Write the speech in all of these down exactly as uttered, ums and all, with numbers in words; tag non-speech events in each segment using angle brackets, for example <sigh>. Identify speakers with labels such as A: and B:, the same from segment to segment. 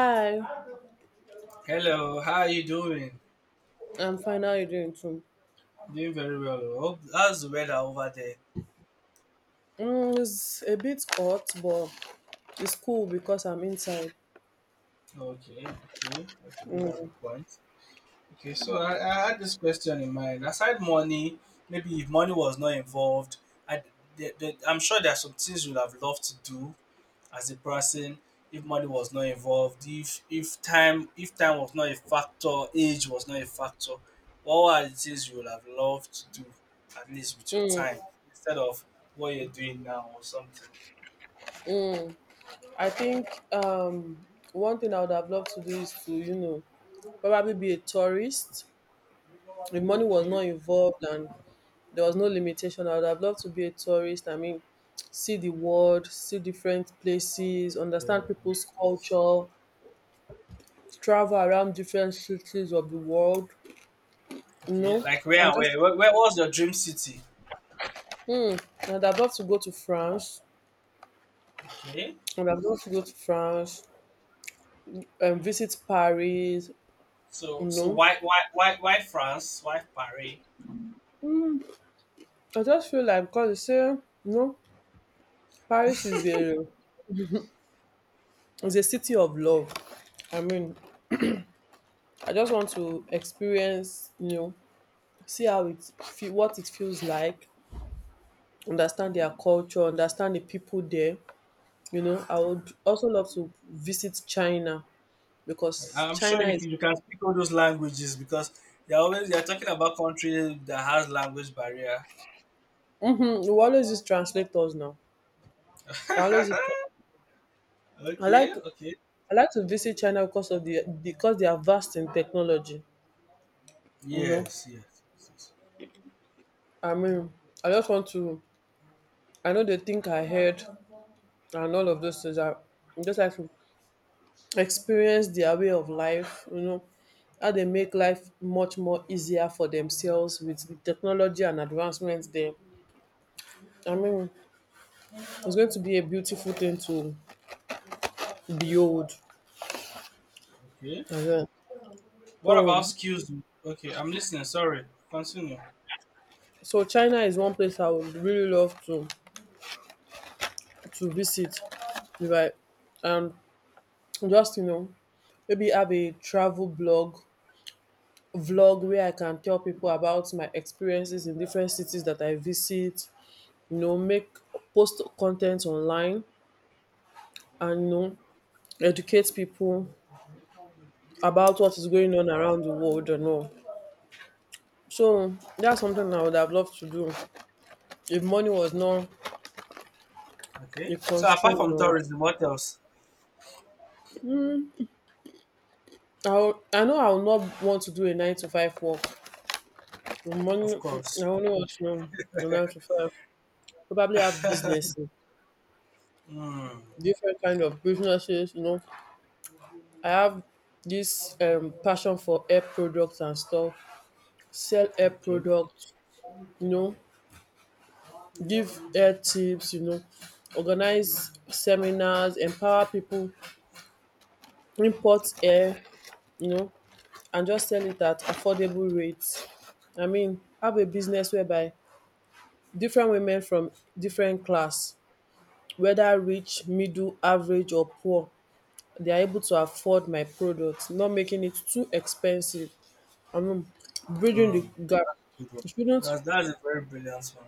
A: Hi,
B: Hello, how are you doing?
A: I'm fine. How are you doing too?
B: Doing very well. Oh. How's the weather over there?
A: Mm, it's a bit hot, but it's cool because I'm inside.
B: Okay, okay, okay. We have a point. Okay, so I, I had this question in mind. Aside money, maybe if money was not involved, I, the, the, I'm sure there are some things you'd have loved to do as a person if money was not involved. If if time if time was not a factor, age was not a factor. What are the things you would have loved to do at least with your
A: Mm.
B: time instead of what you're doing now or something?
A: I think um, one thing I would have loved to do is to, you know, probably be a tourist. The money was
B: Okay.
A: not involved and there was no limitation. I would have loved to be a tourist. I mean, see the world, see different places,
B: Very
A: understand people's
B: nice.
A: culture, travel around different cities of the world, you know,
B: Okay, like
A: and
B: where, where,
A: just,
B: where, where was your dream city?
A: mm, and I'd love to go to France.
B: Okay.
A: And I've just go to France and visit Paris.
B: So,
A: You
B: so
A: know,
B: why, why, why, why France? Why Paris?
A: I just feel like because they say, you know, Paris is a is a city of love. I mean, I just want to experience, you know, see how it feel, what it feels like, understand their culture, understand the people there. You know, I would also love to visit China because
B: I'm sure
A: China
B: you,
A: is.
B: you can speak all those languages because they're always they're talking about country that has language barrier.
A: Mm-hmm, we always use translators now. I always use. Tra-
B: <laughs>
A: I
B: Okay,
A: like
B: okay.
A: I like to visit China because of the because they are vast in technology. You know,
B: Yes, yes, yes, yes.
A: I mean, I just want to. I know they think ahead and all of those things. I I just like to experience their way of life. You know, how they make life much more easier for themselves with the technology and advancements there. I mean, it's going to be a beautiful thing to behold
B: Okay.
A: as well.
B: What about
A: So,
B: skills? Okay, I'm listening. Sorry. Continue.
A: so China is one place I would really love to to visit. Right, and just, you know, maybe have a travel blog vlog where I can tell people about my experiences in different cities that I visit, you know, make post content online, and you know, educate people about what is going on around the world and all. So that's something I would have loved to do if money was not
B: Okay.
A: a
B: So apart
A: constraint
B: from
A: or
B: tourism, what else?
A: I, would- I know I would not want to do a nine to five work. Money,
B: Of
A: I
B: course.
A: only want to know a nine to five. Probably have business.
B: Mm.
A: Different kind of businesses. You know, I have this um passion for hair products and stuff. Sell hair
B: Okay.
A: products. You know, give hair tips. You know, organize seminars, empower people, import hair. You know, and just sell it at affordable rates. I mean, have a business whereby different women from different class, whether rich, middle, average, or poor, they are able to afford my products, not making it too expensive. I mean, bridging
B: Mm.
A: the gap.
B: Good.
A: it shouldn't
B: That's that's a very brilliant one.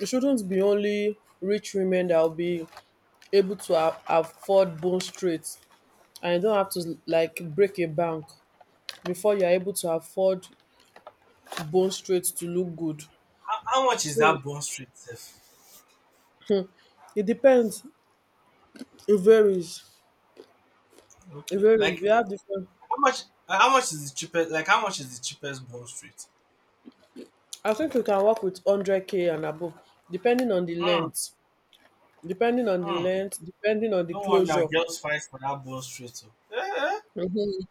A: it shouldn't be only rich women that will be able to a- afford bone straight, and you don't have to like break a bank before you're able to afford bone straight to look good.
B: How, how much is
A: So
B: that Bond Street safe?
A: it depends. it varies it
B: Okay.
A: varies
B: Like
A: We have different.
B: how much? Like, how much is the cheapest? Like how much is the cheapest Bond Street?
A: I think you can work with one hundred k and above, depending on the
B: Hmm.
A: length, depending on the
B: Hmm.
A: length depending on the
B: No wonder
A: closure.
B: girls fight for that Bond Street. Oh. Eh, eh.
A: Mhm.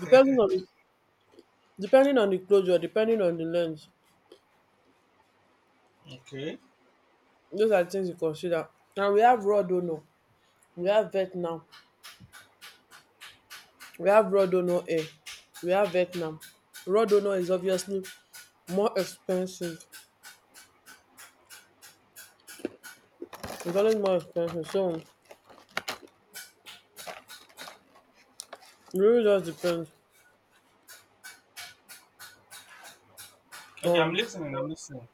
A: depending on the depending on the closure, depending on the length.
B: Okay.
A: Those are things you consider. And we have raw dono, we have Vietnam, we have raw dono air, we have Vietnam. Raw dono is obviously more expensive. It's always more expensive. So it really just depends
B: Okay. I'm
A: on,
B: listening. I'm listening.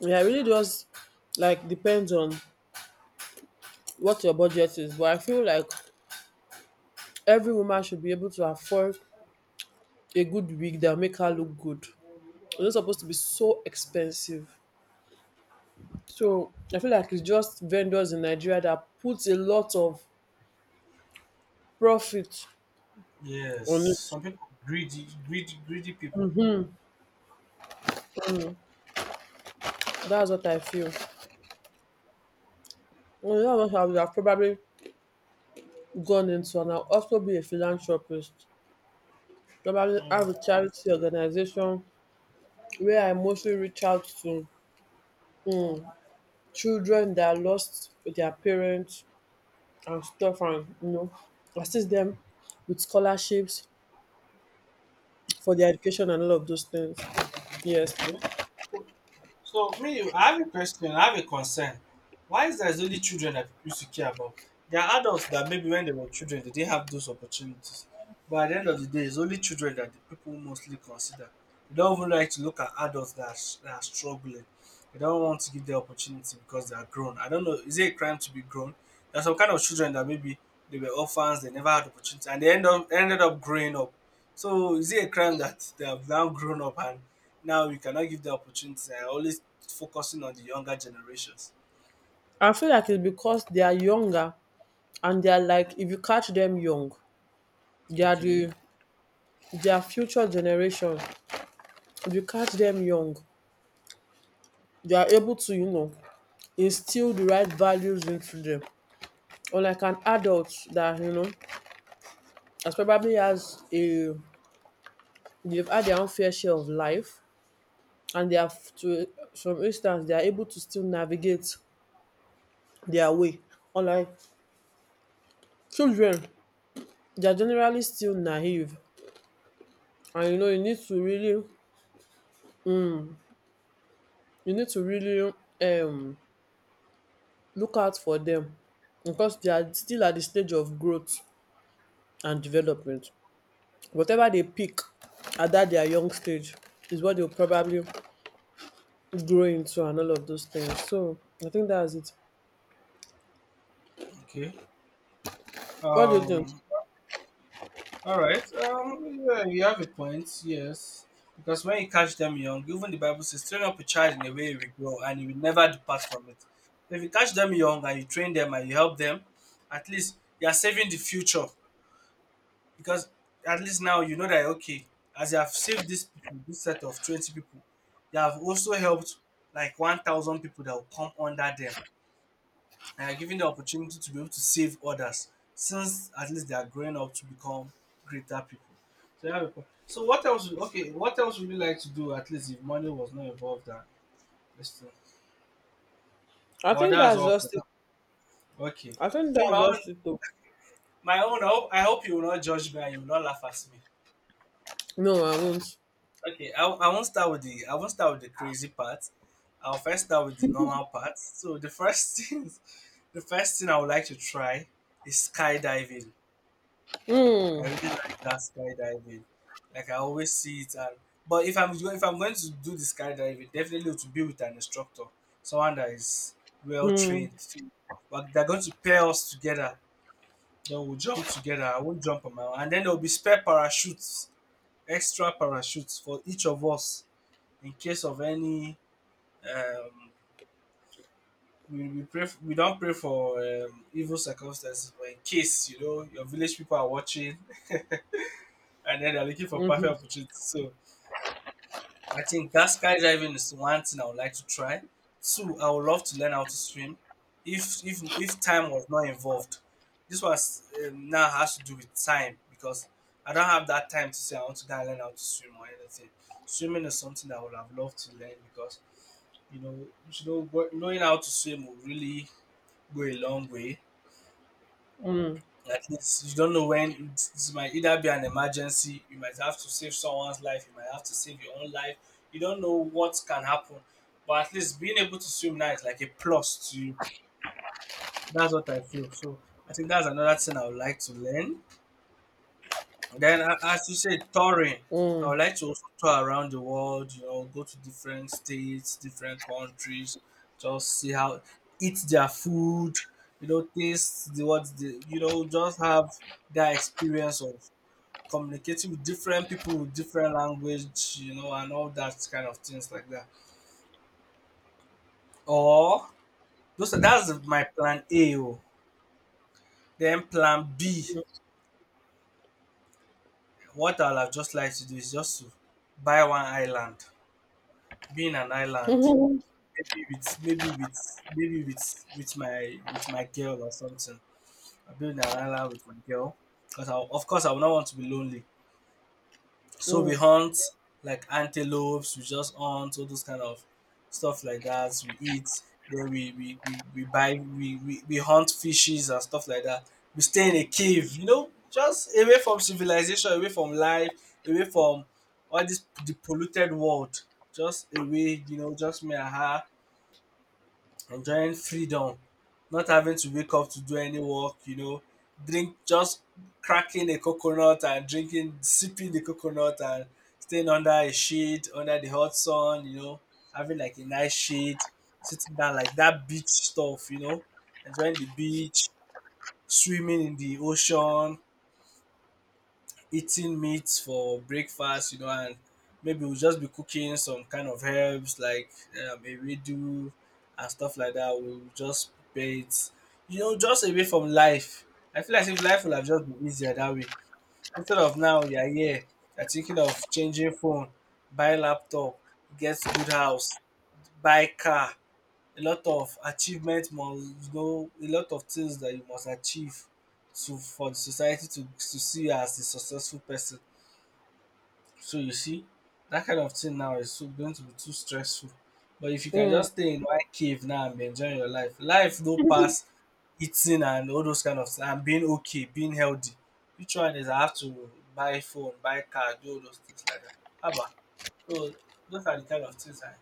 A: yeah, it really just like depends on what your budget is. But I feel like every woman should be able to afford a good wig that make her look good. It's not supposed to be so expensive. So I feel like it's just vendors in Nigeria that puts a lot of profit
B: Yes.
A: on it.
B: Some people greedy, greedy, greedy people.
A: That's what I feel. Well, you know what I would have probably gone into, and I'll also be a philanthropist. Probably
B: Hmm.
A: have a charity organization where I mostly reach out to children that lost their parents and stuff, and you know, assist them with scholarships for their education and all of those things. Yes.
B: Okay. So me, I have a question, I have a concern. Why is there only children that people used to care about? There are adults that maybe when they were children they didn't have those opportunities. But at the end of the day, it's only children that the people mostly consider. They don't even like to look at adults that are, s- that are struggling. They don't want to give the opportunity because they are grown. I don't know. Is it a crime to be grown? There are some kind of children that maybe they were orphans, they never had opportunity, and they end up ended up growing up. So is it a crime that they have now grown up and now we cannot give the opportunity. I always focusing on the younger generations.
A: I feel like it's because they are younger and they are like if you catch them young, they are
B: Okay,
A: the their future generation. If you catch them young, they are able to, you know, instill the right values into them. Unlike an adult that, you know, has probably has a they've had their own fair share of life, and they have to some instance they are able to still navigate their way. Unlike children, they are generally still naive. And you know, you need to really you need to really um look out for them because they are still at the stage of growth and development. Whatever they pick at that their young stage is what they'll probably grow into and all of those things. So I think that's it.
B: okay.
A: What do you think?
B: Um, all right. Um, yeah, you have a point. Yes, because when you catch them young, even the Bible says, train up a child in a way he will grow and he will never depart from it. If you catch them young and you train them and you help them, at least you are saving the future. Because at least now you know that, okay, as you have saved this people, this set of twenty people, you have also helped like one thousand people that will come under them, and are given the opportunity to be able to save others since at least they are growing up to become greater people. So, yeah, people- so what else? Okay, what else would you like to do at least if money was not involved? That this thing,
A: I
B: or
A: think
B: that's
A: that's
B: all for
A: just it.
B: now. Okay,
A: I think
B: me my
A: that's
B: own,
A: just it though.
B: my own. I hope, I hope you will not judge me and you will not laugh at me.
A: No, I won't.
B: Okay, I, I won't start with the I won't start with the crazy part. I'll first start with the normal part. So the first <laughs> thing, the first thing I would like to try is skydiving. I
A: Mm,
B: really like that skydiving. Like I always see it, and but if I'm go- if I'm going to do the skydiving, definitely to be with an instructor, someone that is well
A: mm,
B: trained. But they're going to pair us together. Then we'll jump together. I won't jump on my own, and then there will be spare parachutes, extra parachutes for each of us in case of any. Um, we, we pray. f- We don't pray for um, evil circumstances, but in case you know your village people are watching, <laughs> and then they're looking for perfect
A: mm,
B: opportunities. So I think that skydiving is one thing I would like to try. Two, I would love to learn how to swim, if if if time was not involved. This was um, now has to do with time because I don't have that time to say I want to go and learn how to swim or anything. Swimming is something I would have loved to learn because you know you know what- knowing how to swim will really go a long way. At least you don't know when it, it might either be an emergency, you might have to save someone's life, you might have to save your own life. You don't know what can happen. But at least being able to swim now is like a plus to you. That's what I feel. So I think that's another thing I would like to learn. Then, a- as you said, touring. I would
A: mm,
B: like to also tour around the world, you know, go to different states, different countries, just see how, eat their food, you know, taste the what, the, you know, just have that experience of communicating with different people with different language, you know, and all that kind of things like that. Or those are that's my plan A. Oh. Then plan B. What I'll have just like to do is just to buy one island, be in an island,
A: mm, <laughs>
B: maybe with maybe with maybe with with my with my girl or something. I'll be in an island with my girl. Because of course I will not want to be lonely. So we
A: mm,
B: hunt like antelopes, we just hunt all those kind of stuff like that. We eat, then we we, we, we buy we, we, we hunt fishes and stuff like that. We stay in a cave, you know, just away from civilization, away from life, away from all this the polluted world. Just away, you know, just me and her enjoying freedom, not having to wake up to do any work, you know, drink just cracking a coconut and drinking, sipping the coconut and staying under a shade, under the hot sun, you know, having like a nice shade, sitting down like that beach stuff, you know, enjoying the beach, swimming in the ocean, eating meat for breakfast, you know, and maybe we'll just be cooking some kind of herbs like um, a redo and stuff like that. We'll just prepare it, you know, just away from life. I feel as if life would have just been easier that way. Instead of now, you're here, you're thinking of changing phone, buy laptop, get good house, buy car. A lot of achievement must go. A lot of things that you must achieve to for the society to to see you as a successful person. So you see, that kind of thing now is so, going to be too stressful. But if you can
A: mm,
B: just stay in one cave now and be enjoying your life, life no pass eating and all those kind of things and being okay, being healthy. Which one is I have to buy phone, buy car, do all those things like that. Abba. So those are the kind of things I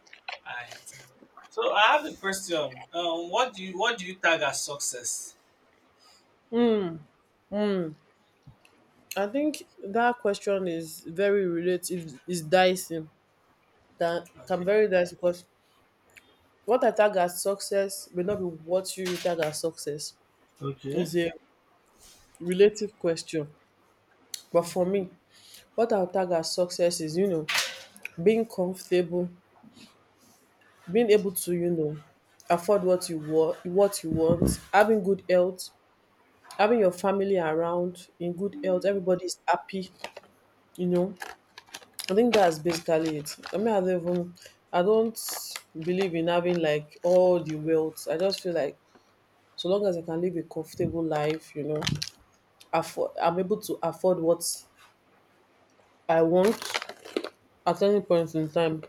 B: I think. So I have a question. Um, what do you what do you tag as success?
A: mm, mm. I think that question is very relative, is dicey. That can
B: Okay.
A: very dicey because what I tag as success may not be what you tag as success.
B: Okay.
A: It's a relative question. But for me, what I would tag as success is, you know, being comfortable, being able to, you know, afford what you want, what you want, having good health, having your family around in good health, everybody's happy, you know. I think that's basically it. I mean, I don't even, I don't believe in having like all the wealth. I just feel like so long as I can live a comfortable life, you know, afford, I'm able to afford what I want at any point in time.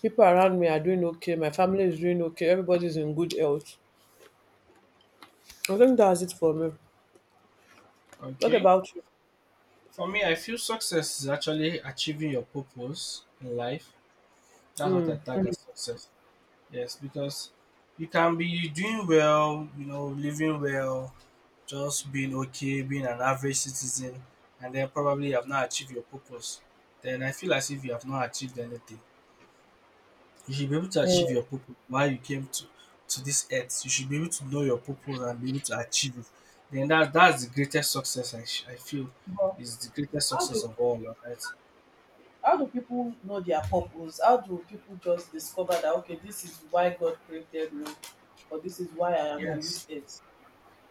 A: People around me are doing okay. My family is doing okay. Everybody's in good health. I think that's it for me. What
B: Okay.
A: about you?
B: For me, I feel success is actually achieving your purpose in life. That's what I
A: Mm.
B: tag as success. Yes, because you can be doing well, you know, living well, just being okay, being an average citizen, and then probably you have not achieved your purpose. Then I feel as if you have not achieved anything. You should be able to achieve
A: Mm.
B: your purpose why you came to to this earth. You should be able to know your purpose and be able to achieve it. Then that that's the greatest success I, sh- I feel is the greatest
A: How do
B: success of all, right?
A: how do people know their purpose? How do people just discover that, okay, this is why God created me, or this is why I am on
B: Yes.
A: this earth?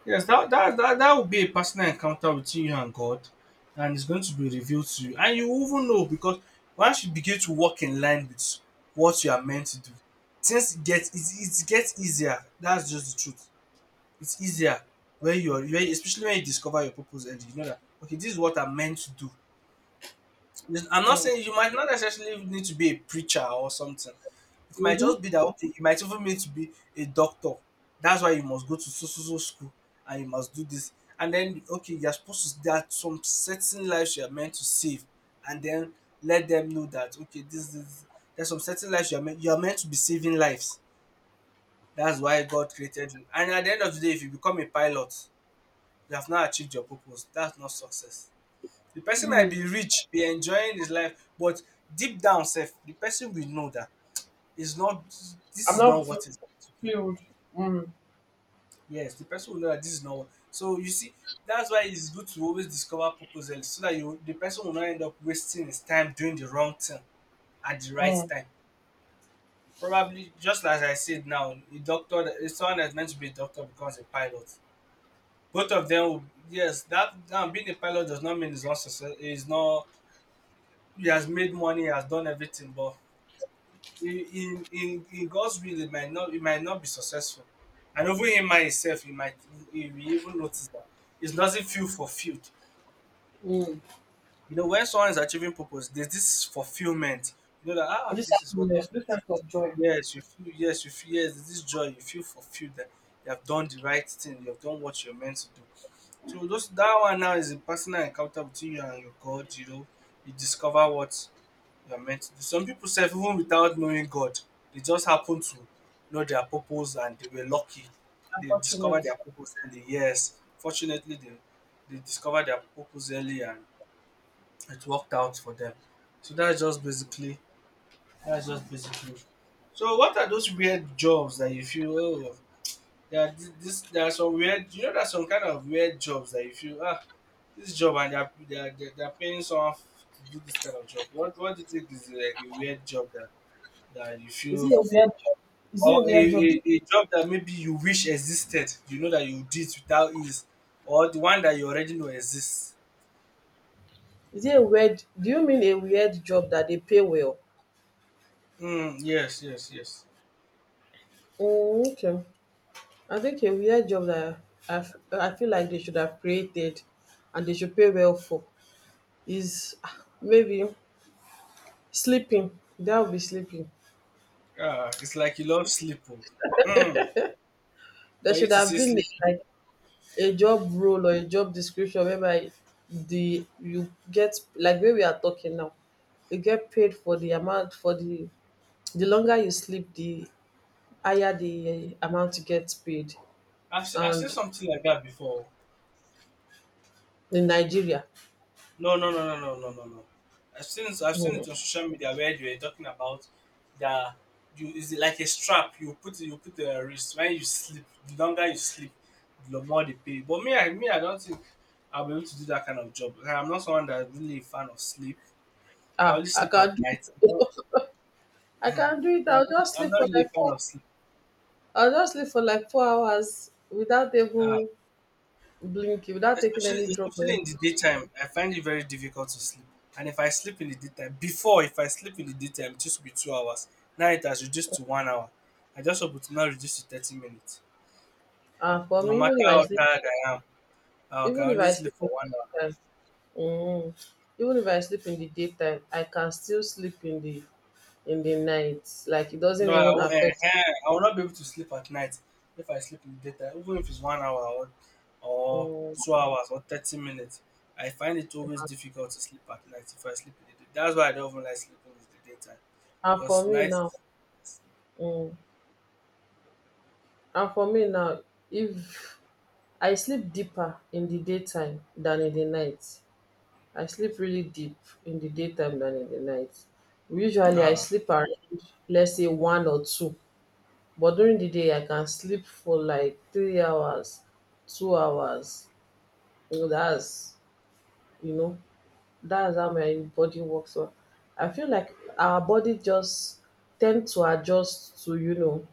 B: Yes, that, that that that will be a personal encounter between you and God, and it's going to be revealed to you, and you will even know because once you begin to walk in line with what you are meant to do, things get it it gets easier. That's just the truth. It's easier when you are when, especially when you discover your purpose and you know that okay, this is what I'm meant to do. Yes, I'm not saying you might not necessarily need to be a preacher or something, it might just
A: Mm-hmm.
B: be that okay, you might even need to be a doctor. That's why you must go to so so so school and you must do this. And then okay, you're supposed to there are some certain lives you are meant to save and then let them know that okay, this is there's some certain lives you are meant you are meant to be saving lives. That's why God created you. And at the end of the day, if you become a pilot, you have not achieved your purpose. That's not success. The person might be rich, be enjoying his life, but deep down self, the person will know that is not this
A: I'm
B: is not
A: not fu-
B: what is,
A: filled. Mm.
B: yes, the person will know that this is not what. So you see, that's why it's good to always discover purpose early so that you the person will not end up wasting his time doing the wrong thing at the right time. Probably just as I said now, a doctor that- someone that's meant to be a doctor becomes a pilot, both of them will, yes, that now being a pilot does not mean he's not success, he's not, he has made money, he has done everything, but in in in God's will it might not it might not be successful. And even in myself, you might you will even notice that it doesn't feel fulfilled.
A: Mm.
B: You know, when someone is achieving purpose, there's this fulfillment. You know that ah,
A: This
B: this is what
A: happiness,
B: happened.
A: this sense of joy,
B: Yes, you feel yes, you feel yes, there's this joy, you feel fulfilled that you have done the right thing, you have done what you're meant to do. So those that one now is a personal encounter between you and your God, you know, you discover what you are meant to do. Some people self even without knowing God, they just happen to know their purpose and they were lucky. They discovered
A: unfortunate.
B: their purpose early. Yes, fortunately they they discovered their purpose early and it worked out for them. So that's just basically that's just basically. So what are those weird jobs that you feel oh there are thi- this there are some weird, you know, there's some kind of weird jobs that you feel ah this job and they're they're, they're, paying someone f- to do this kind of job. What what do you think is like a weird job that that you
A: Is it
B: feel
A: a weird job? Is it
B: or
A: a
B: a
A: weird job?
B: a a job that maybe you wish existed, you know, that you did without ease or the one that you already know exists.
A: Is it a weird? Do you mean a weird job that they pay well?
B: Mm, yes, yes, yes.
A: Mm, okay. I think a weird job that I, f- I feel like they should have created and they should pay well for is ah, maybe sleeping. That would be sleeping.
B: Ah, it's like you love sleep. Oh. Mm,
A: There
B: for you
A: should
B: to
A: have
B: say
A: been
B: sleep.
A: a, like a job role or a job description whereby the you get like where we are talking now. You get paid for the amount, for the the longer you sleep, the higher the uh, amount you get paid.
B: I've, se- I've seen
A: And
B: something like that before.
A: in Nigeria,
B: No, no, no, no, no, no, no, no. I've seen it, I've seen it on social media where they were talking about that you is it like a strap you put you put the wrist when you sleep. The longer you sleep, the more they pay. But me, I me, I don't think I'll be able to do that kind of job. Like, I'm not someone that's really a fan of sleep. I
A: ah,
B: only
A: I
B: sleep at
A: can't do
B: night. I don't-
A: it. <laughs> I
B: mhm.
A: can't do
B: So
A: it.
B: I'm,
A: I'll
B: really,
A: just
B: I'm
A: sleep
B: not
A: for
B: really a
A: like
B: fan
A: four
B: of sleep.
A: I will just sleep for like four hours without
B: Ah,
A: even blinking, without taking any
B: especially
A: drop or
B: especially
A: any.
B: in the daytime I find it very difficult to sleep, and if I sleep in the daytime before if I sleep in the daytime it used to be two hours, now it has reduced to one hour. I just hope it will not reduce to thirty minutes.
A: Ah for
B: No
A: me, even
B: matter
A: if
B: how
A: I sleep
B: tired I am, I can
A: even if
B: only
A: I
B: sleep
A: sleep in
B: for one hour.
A: the daytime um even if I sleep in the daytime, I can still sleep in the in the night, like it doesn't
B: No, I,
A: even
B: will- eh,
A: affect.
B: eh, I will not be able to sleep at night if I sleep in the daytime, even if it's one hour or, or
A: um
B: two hours or thirty minutes. I find it always difficult to sleep at night if I sleep in the day. That's why I don't even like sleeping in the daytime
A: and for
B: because
A: me
B: night.
A: now um and for me now, if I sleep deeper in the daytime than in the night, I sleep really deep in the daytime than in the night. Usually I
B: Ah,
A: sleep around, let's say, one or two, but during the day I can sleep for like three hours, two hours. You know, that's you know, that's how my body works. So I feel like our body just tend to adjust to, you know,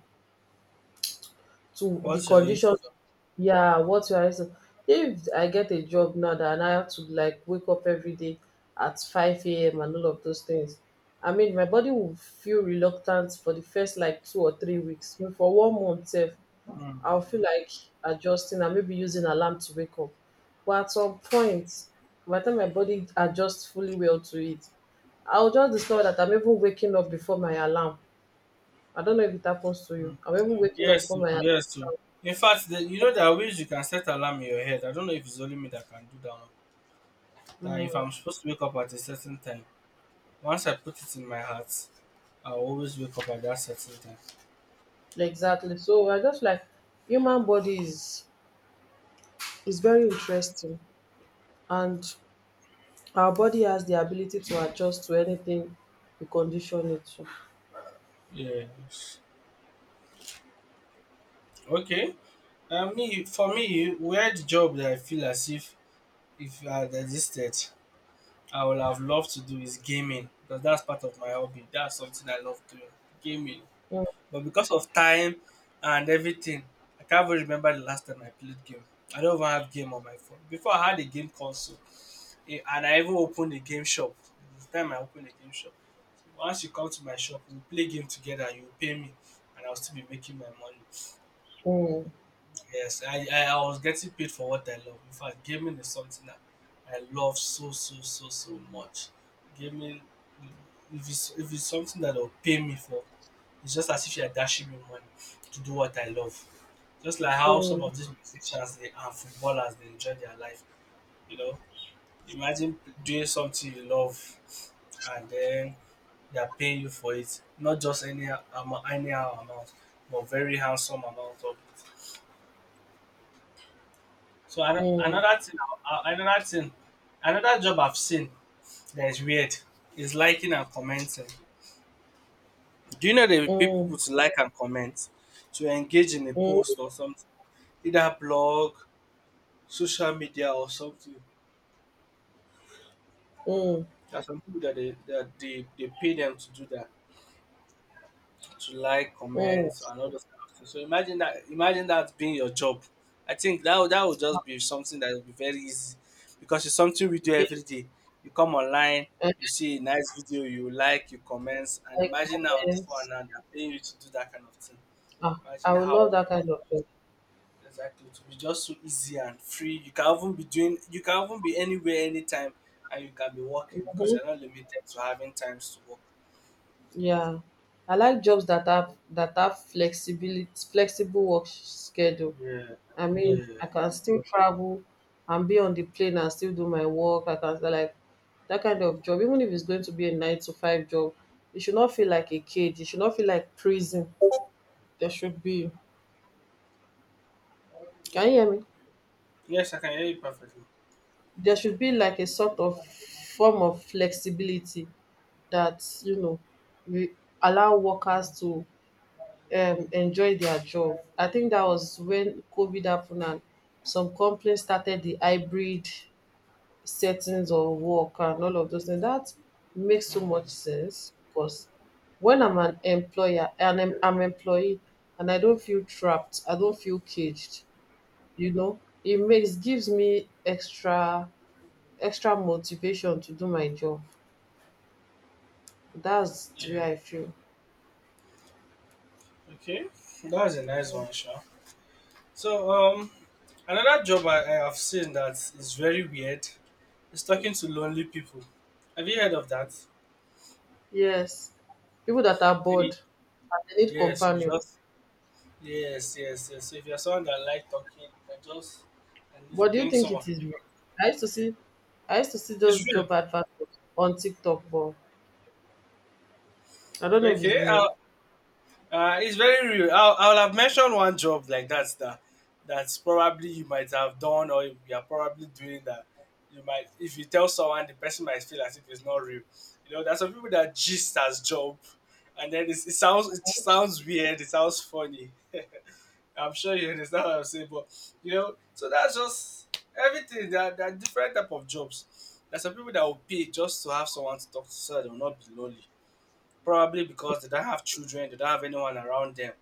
A: to the
B: what shall you?
A: conditions. Yeah, what you are using. If I get a job now that I have to like wake up every day at five a m a.m and all of those things, I mean, my body will feel reluctant for the first like two or three weeks. Maybe for one month sef.
B: Mm,
A: I'll feel like adjusting and maybe using alarm to wake up, but at some point, by the time my body adjusts fully well to it, I'll just discover that I'm even waking up before my alarm. I don't know if it happens to you.
B: mm.
A: I'm even waking up
B: Yes,
A: before
B: too,
A: my alarm.
B: yes, too. In fact, the, you know there are ways you can set alarm in your head. I don't know if it's only me that can do that. One. That if I'm supposed to wake up at a certain time, once I put it in my heart, I always wake up at that certain time.
A: Exactly. So we're just like, human body is is very interesting, and our body has the ability to adjust to anything we condition it to.
B: Yes. Okay. Uh, me for me, weird job that I feel as if if I had existed, I would have loved to do is gaming because that's part of my hobby. That's something I love doing, gaming.
A: Mm,
B: But because of time and everything, I can't even remember the last time I played game. I don't even have game on my phone. Before I had a game console, eh, and I even opened a game shop. It's time I opened a game shop. Once you come to my shop, we'll play game together. You'll pay me, and I'll still be making my money.
A: mm,
B: Yes, I, I, I was getting paid for what I love. In fact, gaming is something that I love so, so, so, so much. Gaming, if it's, if it's something that they'll pay me for, it's just as if you're dashing me money to do what I love. Just like how some
A: mm,
B: of these musicians they, and footballers, they enjoy their life. You know, imagine doing something you love and then they are paying you for it, not just any amo- anyhow amount, but very handsome amount of it. So ano-
A: mm,
B: another thing, uh, another thing, another job I've seen that is weird is liking and commenting. Do you know the
A: mm,
B: people to like and comment to engage in a
A: mm,
B: post or something, either blog, social media or something?
A: mm,
B: There are some people that they that they, they pay them to do that, to like
A: mm.
B: comments and all those kind of things. So imagine that imagine that being your job. I think that would, that would just be something that would be very easy because it's something we do
A: Yeah,
B: every day. You come online,
A: and
B: you see a nice video, you like, you comment, and
A: I
B: imagine now this one
A: comments.
B: now they're paying you to do that kind of thing.
A: Ah, I
B: Imagine
A: would love
B: how
A: that kind of job.
B: exactly to be just so easy and free. You can even be doing you can even be anywhere anytime, and you can be working because
A: Mhm.
B: you're not limited to having times to work.
A: Yeah. I like jobs that have that have flexibility flexible work schedule.
B: Yeah.
A: I mean,
B: Yeah.
A: I can still travel and be on the plane and still do my work. I can like that kind of job. Even if it's going to be a nine to five job, it should not feel like a cage. It should not feel like prison. There should be. Can you hear me?
B: Yes, I can hear you perfectly.
A: There should be like a sort of form of flexibility that you know we allow workers to um, enjoy their job. I think that was when COVID happened and some companies started the hybrid settings or work and all of those things. That makes so much
B: Mm.
A: sense because when I'm an employer and I'm, I'm employee, and I don't feel trapped, I don't feel caged, you know, it makes gives me extra extra motivation to do my job. That's the way
B: Yeah.
A: I feel.
B: Okay. That's a nice one, Sha. So um another job I, I have seen that is very weird is talking to lonely people. Have you heard of that?
A: Yes. People that are
B: Really?
A: bored and they need
B: Yes, you
A: companion.
B: just yes, yes, yes. So if you're someone that like talking, you can just and
A: But
B: just
A: do you
B: bring
A: think
B: some of
A: it is real?
B: it.
A: I used to see I used to see
B: It's
A: those
B: real.
A: job adverts on TikTok, but I don't know if it's
B: Okay. Uh.
A: real.
B: Uh, it's very real. I'll, I'll have mentioned one job like that's that that's probably you might have done or you are probably doing that. You might if you tell someone the person might feel as if it's not real. You know, there's some people that gist as job, and then it's, it sounds it sounds weird, it sounds funny. <laughs> I'm sure you understand what I'm saying, but you know, so that's just everything. There are, there are different type of jobs. There's some people that will pay just to have someone to talk to so that they will not be lonely. Probably because they don't have children, they don't have anyone around them.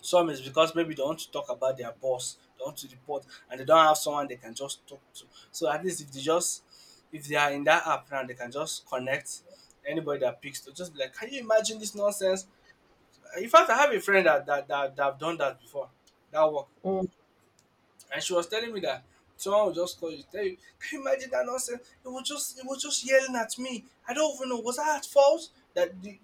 B: Some is because maybe they want to talk about their boss, they want to report, and they don't have someone they can just talk to. So at least if they just if they are in that app now, they can just connect anybody that picks to just be like, can you imagine this nonsense? In fact, I have a friend that that that, that have done that before. That work.
A: Mm.
B: And she was telling me that someone will just call you, tell you, can you imagine that nonsense? It was just it was just yelling at me. I don't even know. Was I at fault? That the,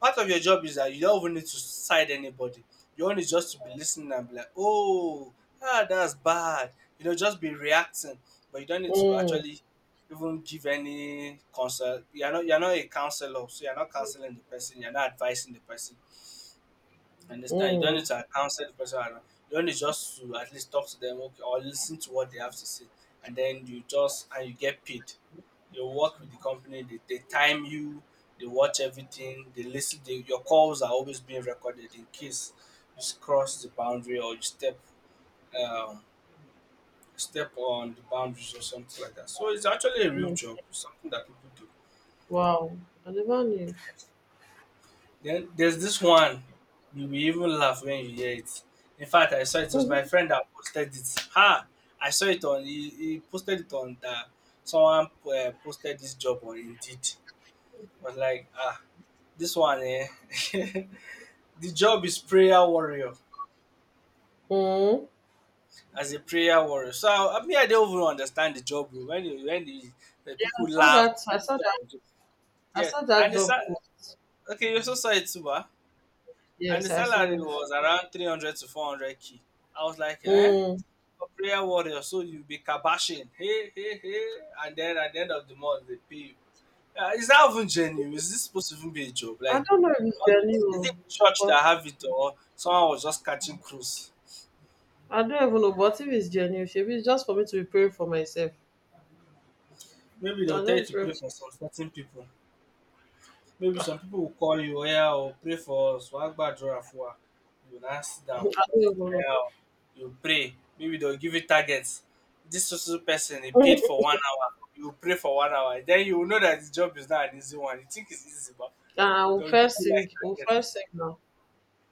B: part of your job is that you don't even need to side anybody. Your own is just to be listening and be like, oh, ah, that's bad. You know, just be reacting, but you don't need to
A: Mm,
B: actually even give any counsel. You're not you're not a counselor, so you're not counseling the person. You're not advising the person. Understand? You don't need
A: mm,
B: to counsel the person around. You only just to at least talk to them okay, or listen to what they have to say, and then you just and you get paid. You work with the company. They, they time you. They watch everything. They listen. They, your calls are always being recorded in case you cross the boundary or you step um, step on the boundaries or something like that. So it's actually a real
A: mm.
B: job. It's something that people do.
A: Wow, I never knew. <laughs>
B: Then there's this one, you will even laugh when you hear it. In fact, I saw it, it was
A: Mhm.
B: my friend that posted it. Ha! I saw it on, he, he posted it on that someone uh, posted this job on Indeed. I was like, ah, this one, eh? <laughs> The job is prayer warrior,
A: Mm.
B: as a prayer warrior. So I, I mean, I don't even understand the job, bro. When, you, when the, the
A: Yeah, I
B: people
A: saw
B: laugh,
A: that. I
B: people
A: saw
B: talk,
A: that.
B: about it.
A: I
B: Yeah.
A: saw that
B: And it's,
A: job
B: ah,
A: post.
B: okay, you also saw it too, ba. And
A: Yes,
B: the
A: I saw
B: salary
A: it.
B: was around three hundred to 400 k. I was like, eh,
A: Mm.
B: a prayer warrior, so you be kabashing, hey hey hey, and then at the end of the month they pay you. Uh, is that even genuine? Is this supposed to even be a job?
A: I
B: Like,
A: don't know if it's
B: how, is it
A: genuine,
B: church that
A: but
B: have it or someone was just catching cruise?
A: I don't even know. But if it's genuine, maybe it's just for me to be praying for myself.
B: Maybe they will
A: I
B: tell you
A: just
B: to
A: pray.
B: pray for some certain people, maybe some people will call you, yeah, or pray for us, wàá gbàdúrà. You will now sit
A: <laughs> I
B: down,
A: don't even know.
B: hell, you pray. Maybe they'll give you targets. This social person, he paid for
A: <laughs>
B: one hour. You pray for one hour. Then you will know that the job is not an easy one. You think it's easy, but
A: And I will
B: they'll give
A: first
B: you like
A: sing. We'll
B: targets.
A: first sing now.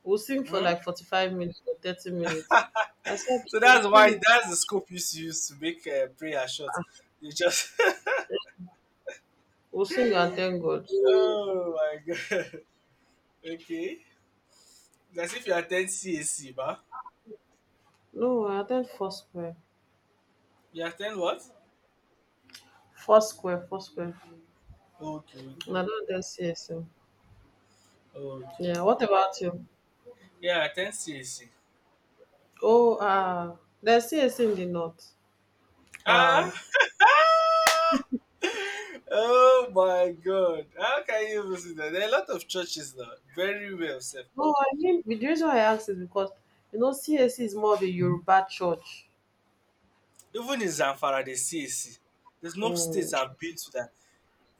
A: We'll sing for
B: Mhm.
A: like forty-five minutes or thirty minutes. I said
B: So
A: we'll
B: that's why,
A: sing.
B: that's the scope you used to use to make uh, prayer short. You just <laughs>
A: We'll sing and thank God.
B: oh my god. <laughs> Okay, that's if you attend C A C, ba.
A: No, I attend Foursquare.
B: You attend what?
A: Foursquare, Foursquare.
B: Okay, okay,
A: No, not
B: okay,
A: the C S M.
B: okay,
A: Yeah, what
B: okay.
A: about you?
B: Yeah, attend C A C.
A: Oh, ah, there's C S C in the north.
B: Ah,
A: Wow.
B: oh my god. How can you even see that? There are a lot of churches now. Very well said.
A: No, I mean, the reason I asked is because, you know, C S C is more of a Yoruba church.
B: Even in Zamfara, they see A C. There's no
A: Mm,
B: states I've been to that.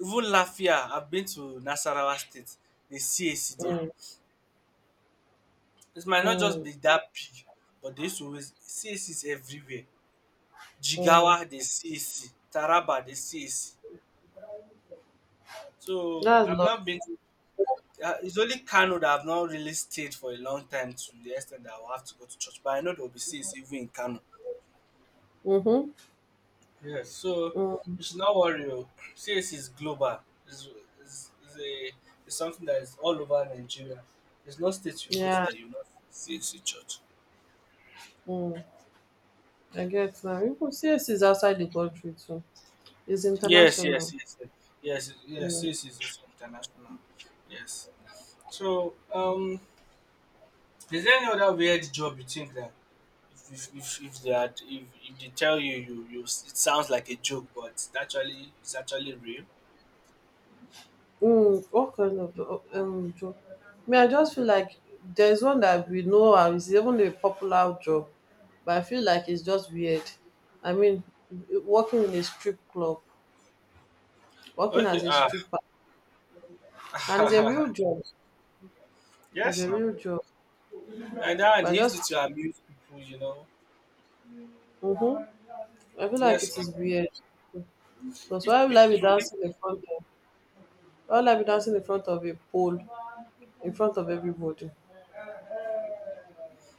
B: Even Lafia, I've been to Nasarawa State. They see A C there.
A: mm,
B: It might not just
A: mm,
B: be that big, but they used to always, C A C is everywhere.
A: mm.
B: Jigawa, they see A C. Taraba, they see A C. So
A: That's
B: I've
A: love.
B: not been to uh, it's only Kano that I've not really stayed for a long time to the extent that I will have to go to church. But I know there will be C A C even in Kano.
A: Mm-hmm.
B: Yes, so
A: Mm,
B: you should not worry. Oh. C S is global. It's, it's, it's, a, it's something that is all over Nigeria. There's no state you go to
A: yeah,
B: that you not see C A C church.
A: mm. I get now. Even C S C is outside the country too. It's
B: Yes, yes,
A: international.
B: yes, yes, yes, yes,
A: Mm.
B: C S is also international. Yes. So, um, is there any other weird job you think that if if if, if they are, if, if they tell you you you it sounds like a joke, but it's actually it's actually real?
A: Mm, what kind of jo- um, job? Me, I just feel like there's one that we know and it's even a popular job, but I feel like it's just weird. I mean, working in a strip club, working
B: Okay.
A: as a
B: Ah.
A: stripper, and it's a
B: <laughs>
A: real job. It's
B: Yes.
A: a
B: Now.
A: real job,
B: And that
A: but I
B: he used
A: just,
B: it to amuse people, you know.
A: mm-hmm, I feel like it
B: Yes, now
A: is weird. Because
B: if,
A: why would
B: if
A: I be
B: if
A: dancing in front of? Why would I be dancing in front of a pole, in front of everybody?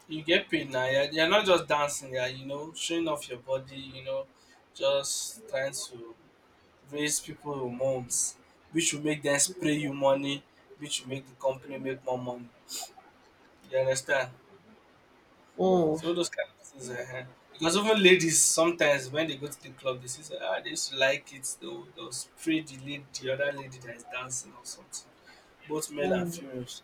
B: you get paid now, you're, you're not just dancing, yeah, you know, showing off your body, you know, just trying to raise people hormones, which will make them spray you money, which will make the company make more money. You understand?
A: Mm,
B: So all those kind of things. Uh, because even ladies sometimes when they go to the club, they say, ah, they used to like it. They'll, they'll spray the lady, the other lady that is dancing or something. Both male and
A: mm,
B: females.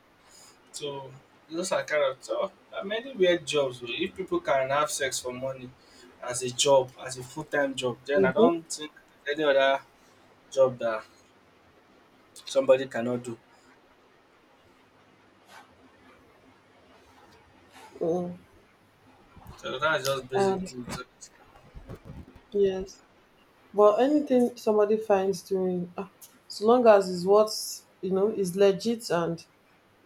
B: So those are kind of tough. There are many weird jobs. Oh. If people can have sex for money as a job, as a full time job, then I
A: mm-hmm,
B: don't think any other job that somebody cannot do.
A: mm.
B: So that's just
A: I
B: basically
A: understand.
B: it.
A: Yes. But anything somebody finds doing, ah, so long as it's what you know is legit and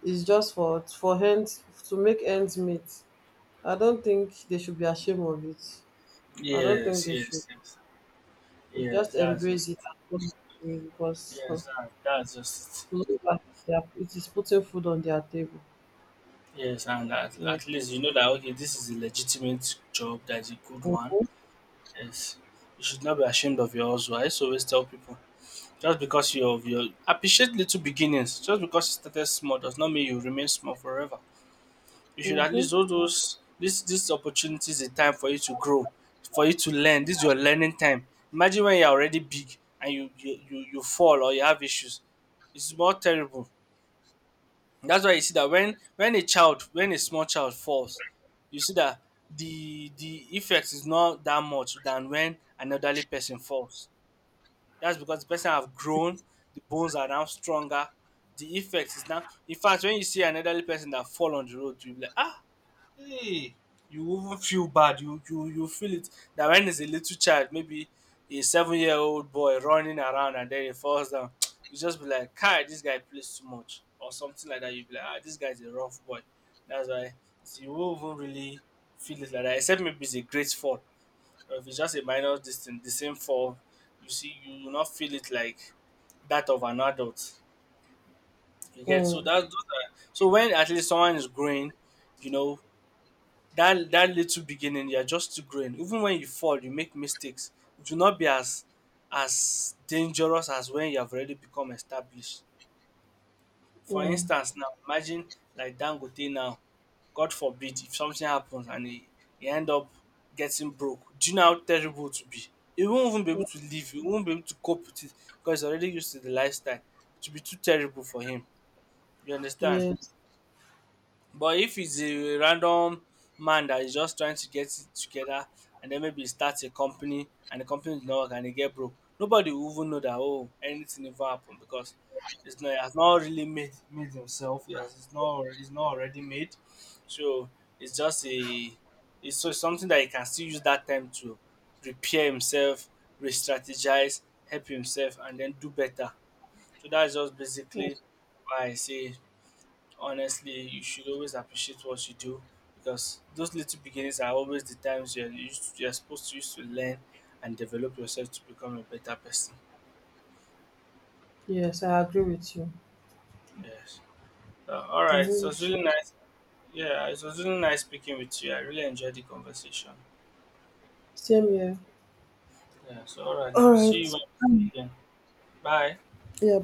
A: is just for for ends to make ends meet, I don't think they should be ashamed of it. I don't think
B: Yes,
A: they should.
B: yes, yes,
A: They should
B: yes.
A: just
B: That's
A: embrace
B: just
A: it and go through it because, hmm,
B: yes. That, that's just it.
A: so long as they are, it is putting food on their table.
B: Yes. And at,
A: Yeah.
B: at least you know that okay, this is a legitimate job. That's a good one.
A: Mm-hmm.
B: Yes, you should not be ashamed of your hustle. I used to always tell people. Just because you of your appreciate little beginnings. Just because you started small does not mean you remain small forever. You should at
A: Mm-hmm.
B: least all those this this opportunity is a time for you to grow, for you to learn. This is your learning time. Imagine when you're already big and you you, you, you fall or you have issues. It's more terrible. That's why you see that when when a child, when a small child falls, you see that the the effect is not that much than when an elderly person falls. That's because the person have grown, the bones are now stronger. The effect is now. In fact, when you see an elderly person that fall on the road, you be like, ah, hey, you even feel bad. You you you feel it. That when it's a little child, maybe a seven year old boy running around and then he falls down, <tsk> you just be like, Kai, this guy plays too much or something like that. You be like, ah, this guy's a rough boy. That's why you won't even really feel it like that, except maybe it's a great fall. Or if it's just a minor distance, the same fall, you see, you will not feel it like that of an adult. You get, so
A: Mm,
B: that those are, so when at least someone is growing, you know that that little beginning, you're just still growing. Even when you fall, you make mistakes. It will not be as as dangerous as when you have already become established. For
A: mm,
B: instance, now imagine like Dangote now, God forbid if something happens and he, he end up getting broke, do you know how terrible it will be? He won't even be able to live, he won't be able to cope with it because he's already used to the lifestyle. It will be too terrible for him. You understand?
A: yes.
B: But if it's a random man that is just trying to get it together and then maybe he starts a company and the company is not work and he get broke, nobody will even know that oh anything ever happened because it's not has not really made made himself. Yes, it's not, it's not already made. So it's just a, it's so something that he can still use that time to repair himself, re-strategize, help himself and then do better. So that's just basically why I say honestly you should always appreciate what you do because those little beginnings are always the times you're used you're supposed to use to learn and develop yourself to become a better person.
A: Yes, I agree with you.
B: Yes, so, all
A: I
B: right,
A: agree
B: so it's
A: with
B: really
A: you.
B: nice. Yeah, it was really nice speaking with you. I really enjoyed the conversation.
A: Same here.
B: Yeah, so all right,
A: All
B: now see
A: right.
B: you when- again. Bye.
A: Yeah.